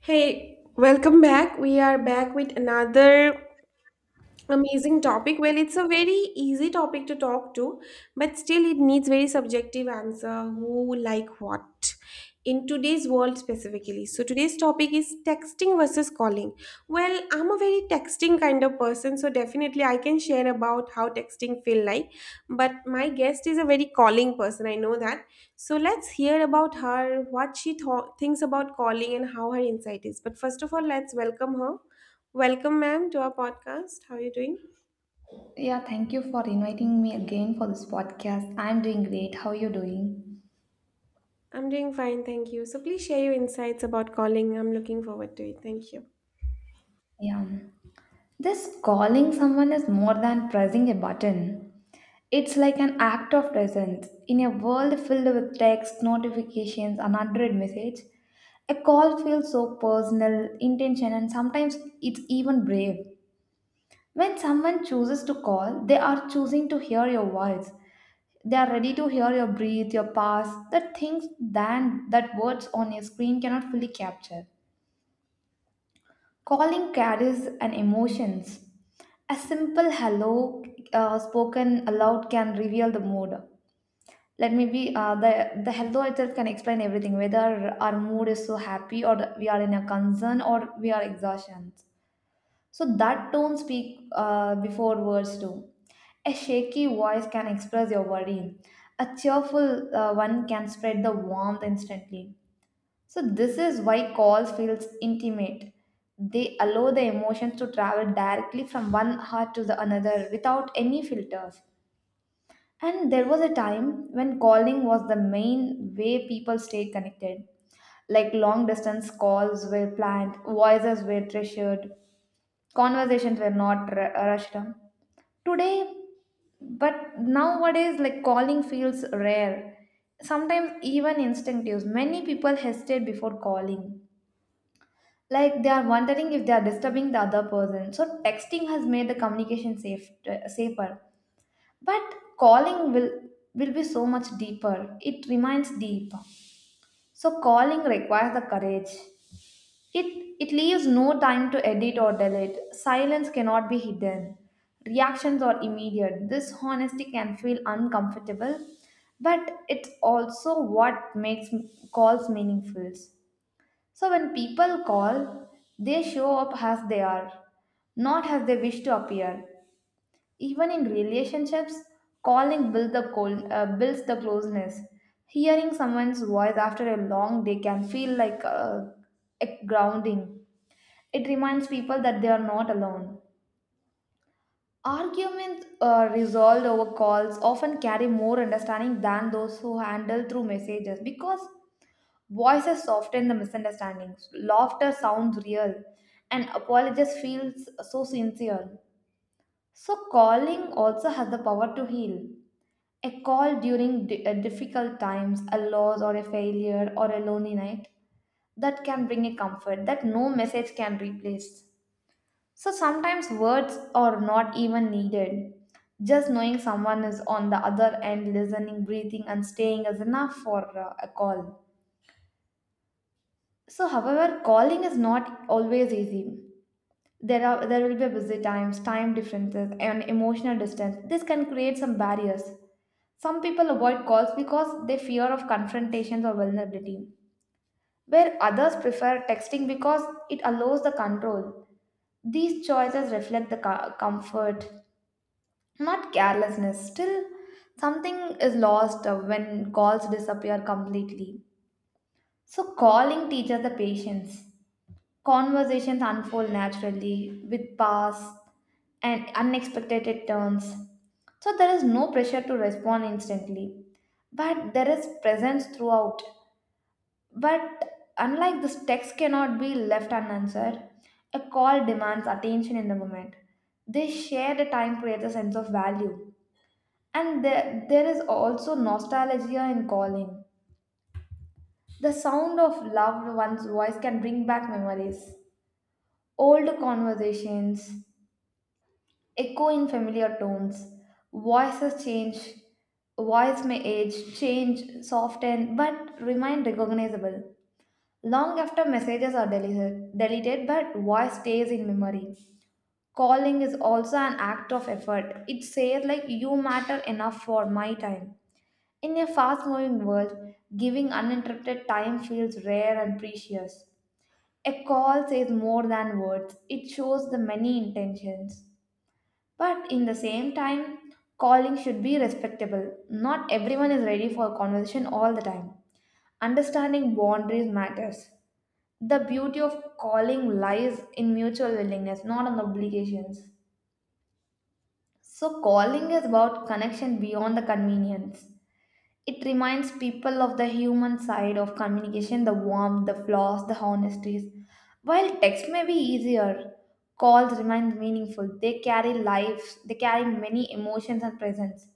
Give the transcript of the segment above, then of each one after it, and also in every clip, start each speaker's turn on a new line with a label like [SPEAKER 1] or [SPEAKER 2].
[SPEAKER 1] Hey, welcome back. We are back with another amazing topic. Well, it's a very easy topic to talk to, but still it needs very subjective answer. Who like what? In today's world specifically. So today's topic is texting versus calling. Well, I'm a very texting kind of person, so definitely I can share about how texting feel like. But my guest is a very calling person. I know that. So let's hear about her, what she thought thinks about calling, and how her insight is. But first of all, let's welcome her. Welcome, ma'am, to our podcast. How are you doing?
[SPEAKER 2] Yeah, thank you for inviting me again for this podcast. I'm doing great. How are you doing?
[SPEAKER 1] I'm doing fine, thank you. So please share your insights about calling. I'm looking forward to it. Thank you.
[SPEAKER 2] Yeah. This calling someone is more than pressing a button. It's like an act of presence. In a world filled with text, notifications, and unread message, a call feels so personal, intention, and sometimes it's even brave. When someone chooses to call, they are choosing to hear your voice. They are ready to hear your breath, your pulse, the things than that words on a screen cannot fully capture. Calling carries an emotions. A simple hello spoken aloud can reveal the mood. Let me be the hello itself can explain everything. Whether our mood is so happy or we are in a concern or we are exhaustion. So that tone speak before words do. A shaky voice can express your worry. A cheerful one can spread the warmth instantly. So this is why calls feels intimate. They allow the emotions to travel directly from one heart to the another without any filters. And there was a time when calling was the main way people stayed connected. Like long distance calls were planned, voices were treasured, conversations were not rushed. Today, but nowadays, like calling feels rare. Sometimes even instinctive. Many people hesitate before calling. Like they are wondering if they are disturbing the other person. So texting has made the communication safer, but calling will be so much deeper. It remains deep. So calling requires the courage. It it leaves no time to edit or delete. Silence cannot be hidden. Reactions are immediate. This honesty can feel uncomfortable, but it's also what makes calls meaningful. So when people call, they show up as they are, not as they wish to appear. Even in relationships, calling builds builds the closeness. Hearing someone's voice after a long day can feel like a grounding. It reminds people that they are not alone. Arguments resolved over calls often carry more understanding than those who handle through messages because voices soften the misunderstandings, laughter sounds real, and apologies feels so sincere. So calling also has the power to heal. A call during difficult times, a loss or a failure or a lonely night, that can bring a comfort that no message can replace. So sometimes words are not even needed. Just knowing someone is on the other end, listening, breathing, and staying is enough for a call. So, however, calling is not always easy. There will be busy times, time differences, and emotional distance. This can create some barriers. Some people avoid calls because they fear of confrontations or vulnerability, where others prefer texting because it allows the control. These choices reflect the comfort, not carelessness. Still, something is lost when calls disappear completely. So, calling teaches the patience. Conversations unfold naturally with paths and unexpected turns. So there is no pressure to respond instantly, but there is presence throughout. But unlike this, text cannot be left unanswered. A call demands attention in the moment. They share the time creates a sense of value. And there is also nostalgia in calling. The sound of loved one's voice can bring back memories, old conversations, echo in familiar tones. Voices change, voice may age, change, soften, but remain recognizable. Long after messages are deleted, but voice stays in memory. Calling is also an act of effort. It says like you matter enough for my time. In a fast-moving world, giving uninterrupted time feels rare and precious. A call says more than words. It shows the many intentions. But in the same time, calling should be respectable. Not everyone is ready for conversation all the time. Understanding boundaries matters. The beauty of calling lies in mutual willingness, not on obligations. So, calling is about connection beyond the convenience. It reminds people of the human side of communication, the warmth, the flaws, the honesties. While text may be easier, calls remain meaningful. They carry lives, they carry many emotions and presence.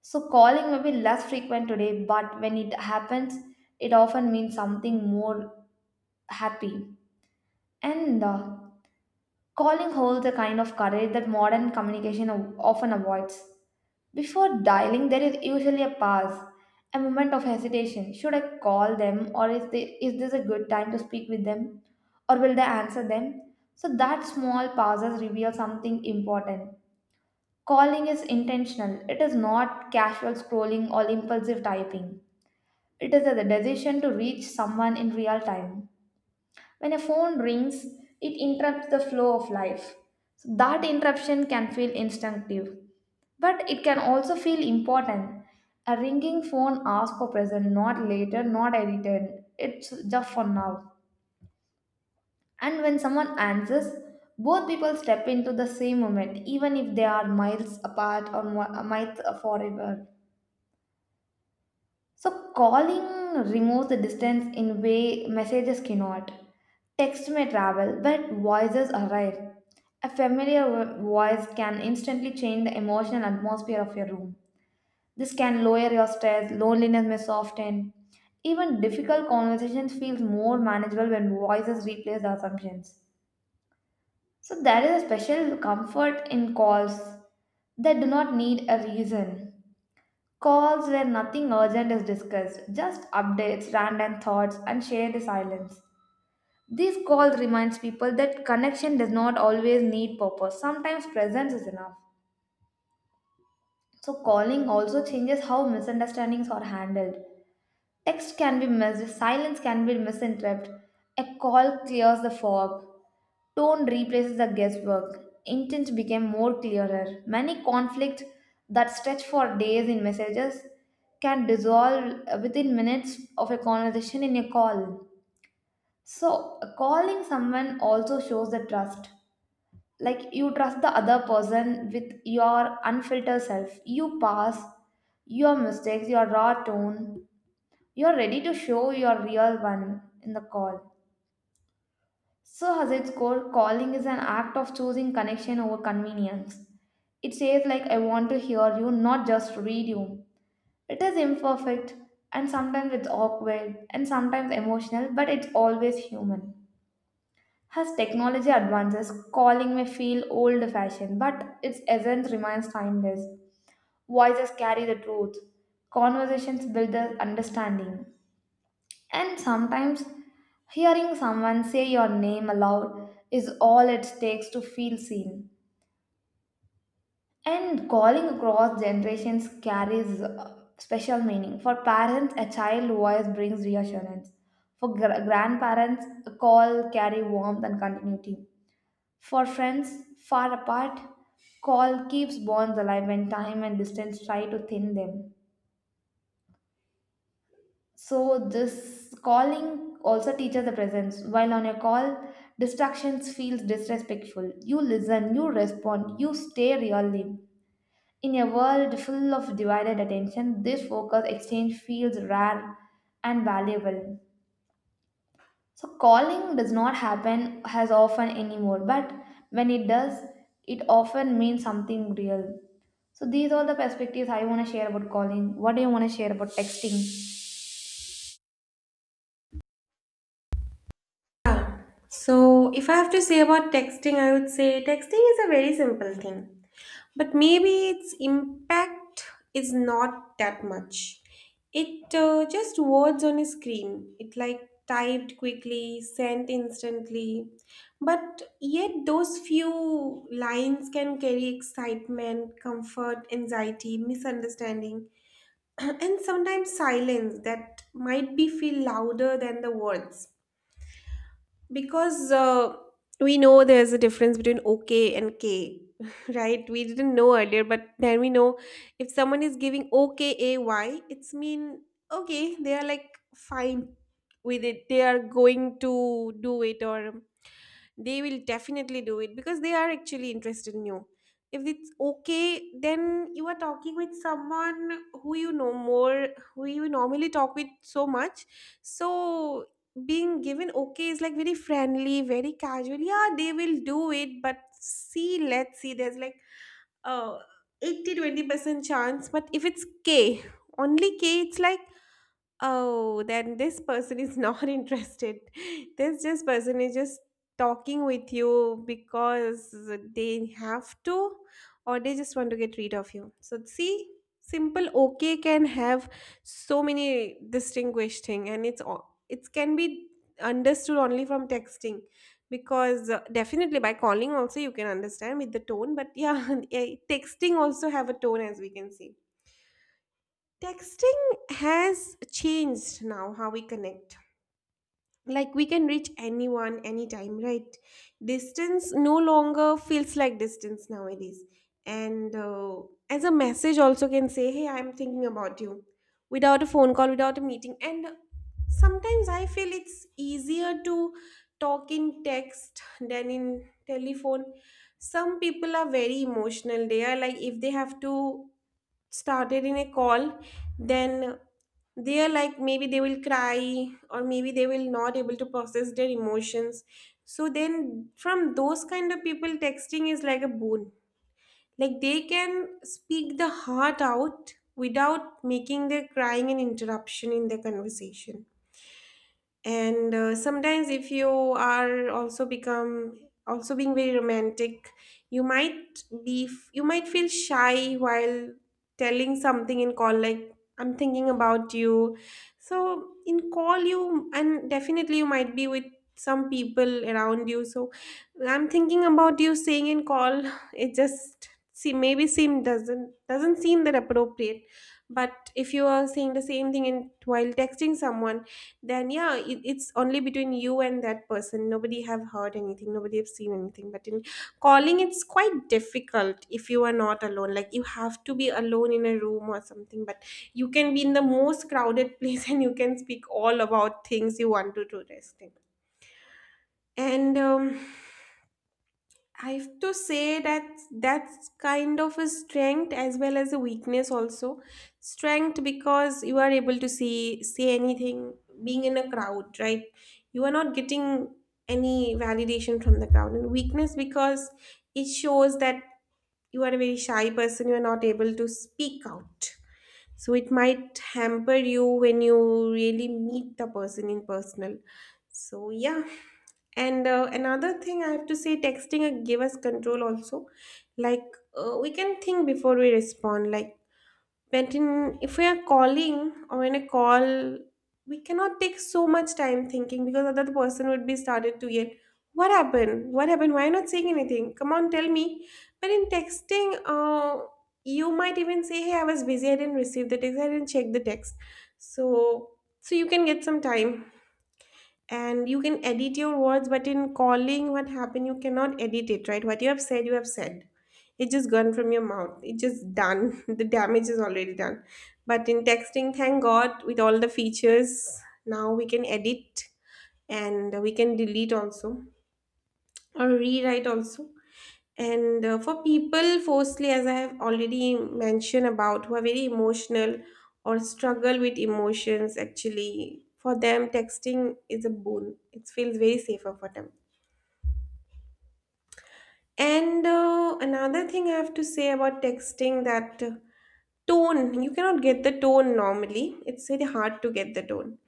[SPEAKER 2] So calling may be less frequent today, but when it happens, it often means something more happy. And calling holds a kind of courage that modern communication often avoids. Before dialing, there is usually a pause, a moment of hesitation. Should I call them, or is this a good time to speak with them, or will they answer them? So that small pauses reveal something important. Calling is intentional. It is not casual scrolling or impulsive typing. It is a decision to reach someone in real time. When a phone rings, it interrupts the flow of life. So that interruption can feel instinctive, but it can also feel important. A ringing phone asks for present, not later, not edited. It's just for now. And when someone answers, both people step into the same moment, even if they are miles apart or miles forever. So calling removes the distance in way messages cannot. Text may travel, but voices arrive. A familiar voice can instantly change the emotional atmosphere of your room. This can lower your stress, loneliness may soften. Even difficult conversations feels more manageable when voices replace the assumptions. So there is a special comfort in calls that do not need a reason. Calls where nothing urgent is discussed, just updates, random thoughts, and shared silence. These calls reminds people that connection does not always need purpose. Sometimes presence is enough. So calling also changes how misunderstandings are handled. Text can be missed, silence can be misinterpreted. A call clears the fog. Tone replaces the guesswork. Intent became more clearer. Many conflicts that stretch for days in messages can dissolve within minutes of a conversation in a call. So, calling someone also shows the trust. Like you trust the other person with your unfiltered self. You pass your mistakes, your raw tone. You're ready to show your real one in the call. So, has its core, calling is an act of choosing connection over convenience. It says, like, I want to hear you, not just read you. It is imperfect, and sometimes it's awkward, and sometimes emotional, but it's always human. As technology advances, calling may feel old fashioned, but its essence remains timeless. Voices carry the truth, conversations build the understanding. And sometimes hearing someone say your name aloud is all it takes to feel seen. And calling across generations carries special meaning. For parents, a child voice brings reassurance. For grandparents, a call carry warmth and continuity. For friends far apart, call keeps bonds alive when time and distance try to thin them. So this calling also teaches the presence. While on a call, distractions feels disrespectful. You listen, you respond, you stay really. In a world full of divided attention, this focus exchange feels rare and valuable. So calling does not happen as often anymore, but when it does, it often means something real. So these are the perspectives I want to share about calling. What do you want to share about texting?
[SPEAKER 1] Yeah. So if I have to say about texting, I would say texting is a very simple thing, but maybe its impact is not that much. It just words on a screen. It, like, typed quickly, sent instantly, but yet those few lines can carry excitement, comfort, anxiety, misunderstanding, and sometimes silence that might be feel louder than the words. Because we know there's a difference between okay and K, right? We didn't know earlier, but then we know. If someone is giving okay AY, it's mean okay, they are like fine with it. They are going to do it, or they will definitely do it because they are actually interested in you. If it's okay, then you are talking with someone who you know more, who you normally talk with so much. So being given okay is like very friendly, very casual. Yeah, they will do it, but see, let's see, there's like uh 80-20% chance. But if it's k, only k, it's like, oh, then this person is not interested. This just person is just talking with you because they have to, or they just want to get rid of you. So see, simple okay can have so many distinguished thing, and it's all it can be understood only from texting. Because definitely by calling also you can understand with the tone, but yeah, texting also have a tone, as we can see. Texting has changed now how we connect. Like, we can reach anyone anytime, right? Distance no longer feels like distance nowadays. And as a message also can say, "Hey, I'm thinking about you," without a phone call, without a meeting. And sometimes I feel it's easier to talk in text than in telephone. Some people are very emotional. They are like, if they have to started in a call, then they are like, maybe they will cry, or maybe they will not able to process their emotions. So then from those kind of people, texting is like a boon. Like, they can speak the heart out without making their crying an interruption in their conversation. And sometimes, if you are also become, also being very romantic, you might feel shy while telling something in call, like, "I'm thinking about you." So in call, you, and definitely you might be with some people around you. So "I'm thinking about you" saying in call, it just see, maybe seem doesn't seem that appropriate. But if you are saying the same thing in while texting someone, then yeah, it's only between you and that person. Nobody have heard anything, nobody have seen anything. But in calling, it's quite difficult if you are not alone. Like, you have to be alone in a room or something. But you can be in the most crowded place and you can speak all about things you want to do this thing. And I have to say that's kind of a strength as well as a weakness also. Strength because you are able to see say anything being in a crowd, right? You are not getting any validation from the crowd. And weakness because it shows that you are a very shy person, you are not able to speak out. So it might hamper you when you really meet the person in personal. So yeah, and another thing I have to say, texting give us control also. Like, we can think before we respond. Like, if we are calling or in a call, we cannot take so much time thinking because other person would be started to yell, "What happened? What happened? Why not saying anything? Come on, tell me." But in texting, you might even say, "Hey, I was busy. I didn't receive the text. I didn't check the text." So so you can get some time and you can edit your words. But in calling, what happened, you cannot edit it, right? What you have said, you have said. It's just gone from your mouth, it's just done. The damage is already done. But in texting, thank god, with all the features now, we can edit, and we can delete also, or rewrite also. And for people, firstly, as I have already mentioned about, who are very emotional or struggle with emotions, actually, for them, texting is a boon. It feels very safer for them. And another thing I have to say about texting that. Tone, you cannot get the tone normally. It's very hard to get the tone.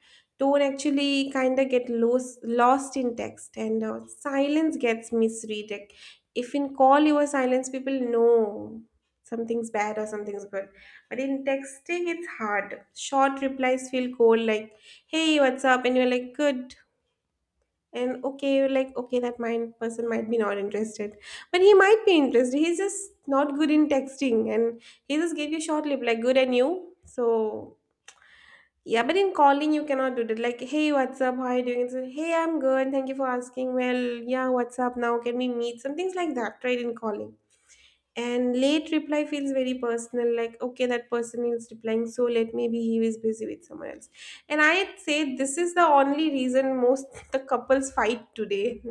[SPEAKER 1] Tone actually kind of get lost in text. And silence gets misread. Like, if in call you are silence, people know something's bad or something's good. But in texting, it's hard. Short replies feel cold, like, "Hey, what's up?" And you're like, "Good" and "okay." Like, okay, that mind person might be not interested, but he might be interested, he's just not good in texting, and he just gave you short lip like "good" and "you," so yeah. But in calling, you cannot do that. Like, "Hey, what's up, how are you doing?" It's like, "Hey, I'm good, thank you for asking, well, yeah, what's up now, can we meet?" Some things like that, right, in calling. And late reply feels very personal, like, okay, that person is replying so late, maybe he is busy with someone else. And I'd say this is the only reason most the couples fight today.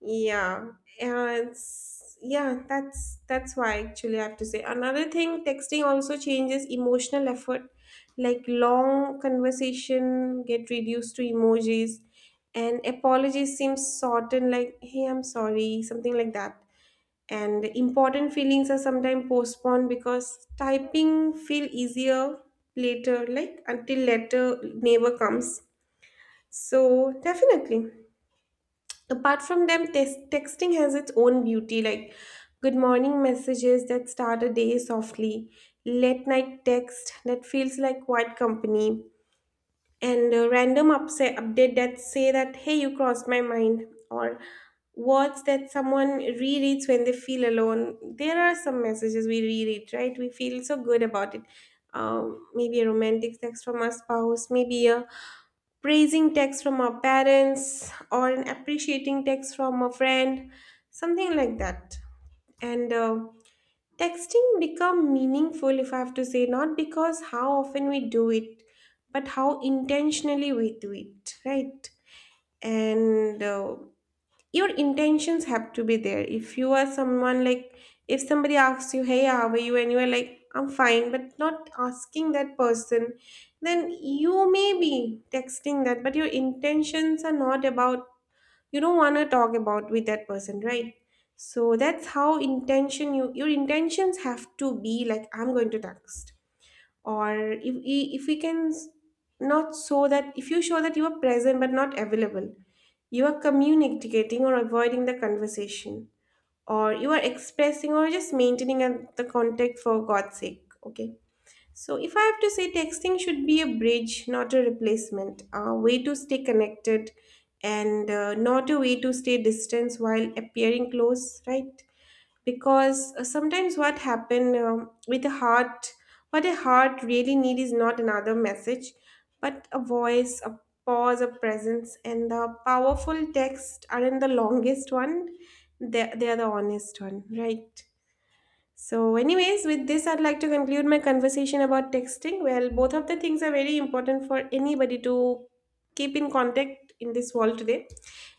[SPEAKER 1] Yeah, and yeah, that's why actually I have to say another thing. Texting also changes emotional effort, like long conversation get reduced to emojis, and apologies seem shortened, like, "Hey, I'm sorry," something like that. And important feelings are sometimes postponed because typing feel easier later, like until later neighbor comes. So definitely, apart from them, texting has its own beauty. Like, good morning messages that start a day softly, late night text that feels like quiet company, and a random upset update that say that, hey, you crossed my mind, or words that someone rereads when they feel alone. There are some messages we reread, right? We feel so good about it. Maybe a romantic text from our spouse, maybe a praising text from our parents, or an appreciating text from a friend, something like that. And texting become meaningful, if I have to say, not because how often we do it, but how intentionally we do it, right? And your intentions have to be there. If you are someone like, if somebody asks you, "Hey, how are you?" and you are like, "I'm fine," but not asking that person, then you may be texting that, but your intentions are not about, you don't want to talk about with that person, right? So that's how intention you your intentions have to be, like, I'm going to text, or if we not show that. If you show that you are present but not available, you are communicating or avoiding the conversation, or you are expressing, or just maintaining the contact for god's sake, okay. So if I have to say, texting should be a bridge, not a replacement, a way to stay connected, and not a way to stay distance while appearing close, right? Because sometimes what happen, with the heart, what a heart really need is not another message, but a voice, a pause, a presence. And the powerful text aren't the longest one, they are the honest one, right? So, anyways, with this, I'd like to conclude my conversation about texting. Well, both of the things are very important for anybody to keep in contact in this world today.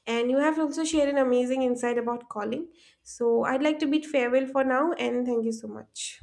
[SPEAKER 1] And you have also shared an amazing insight about calling. So, I'd like to bid farewell for now and thank you so much.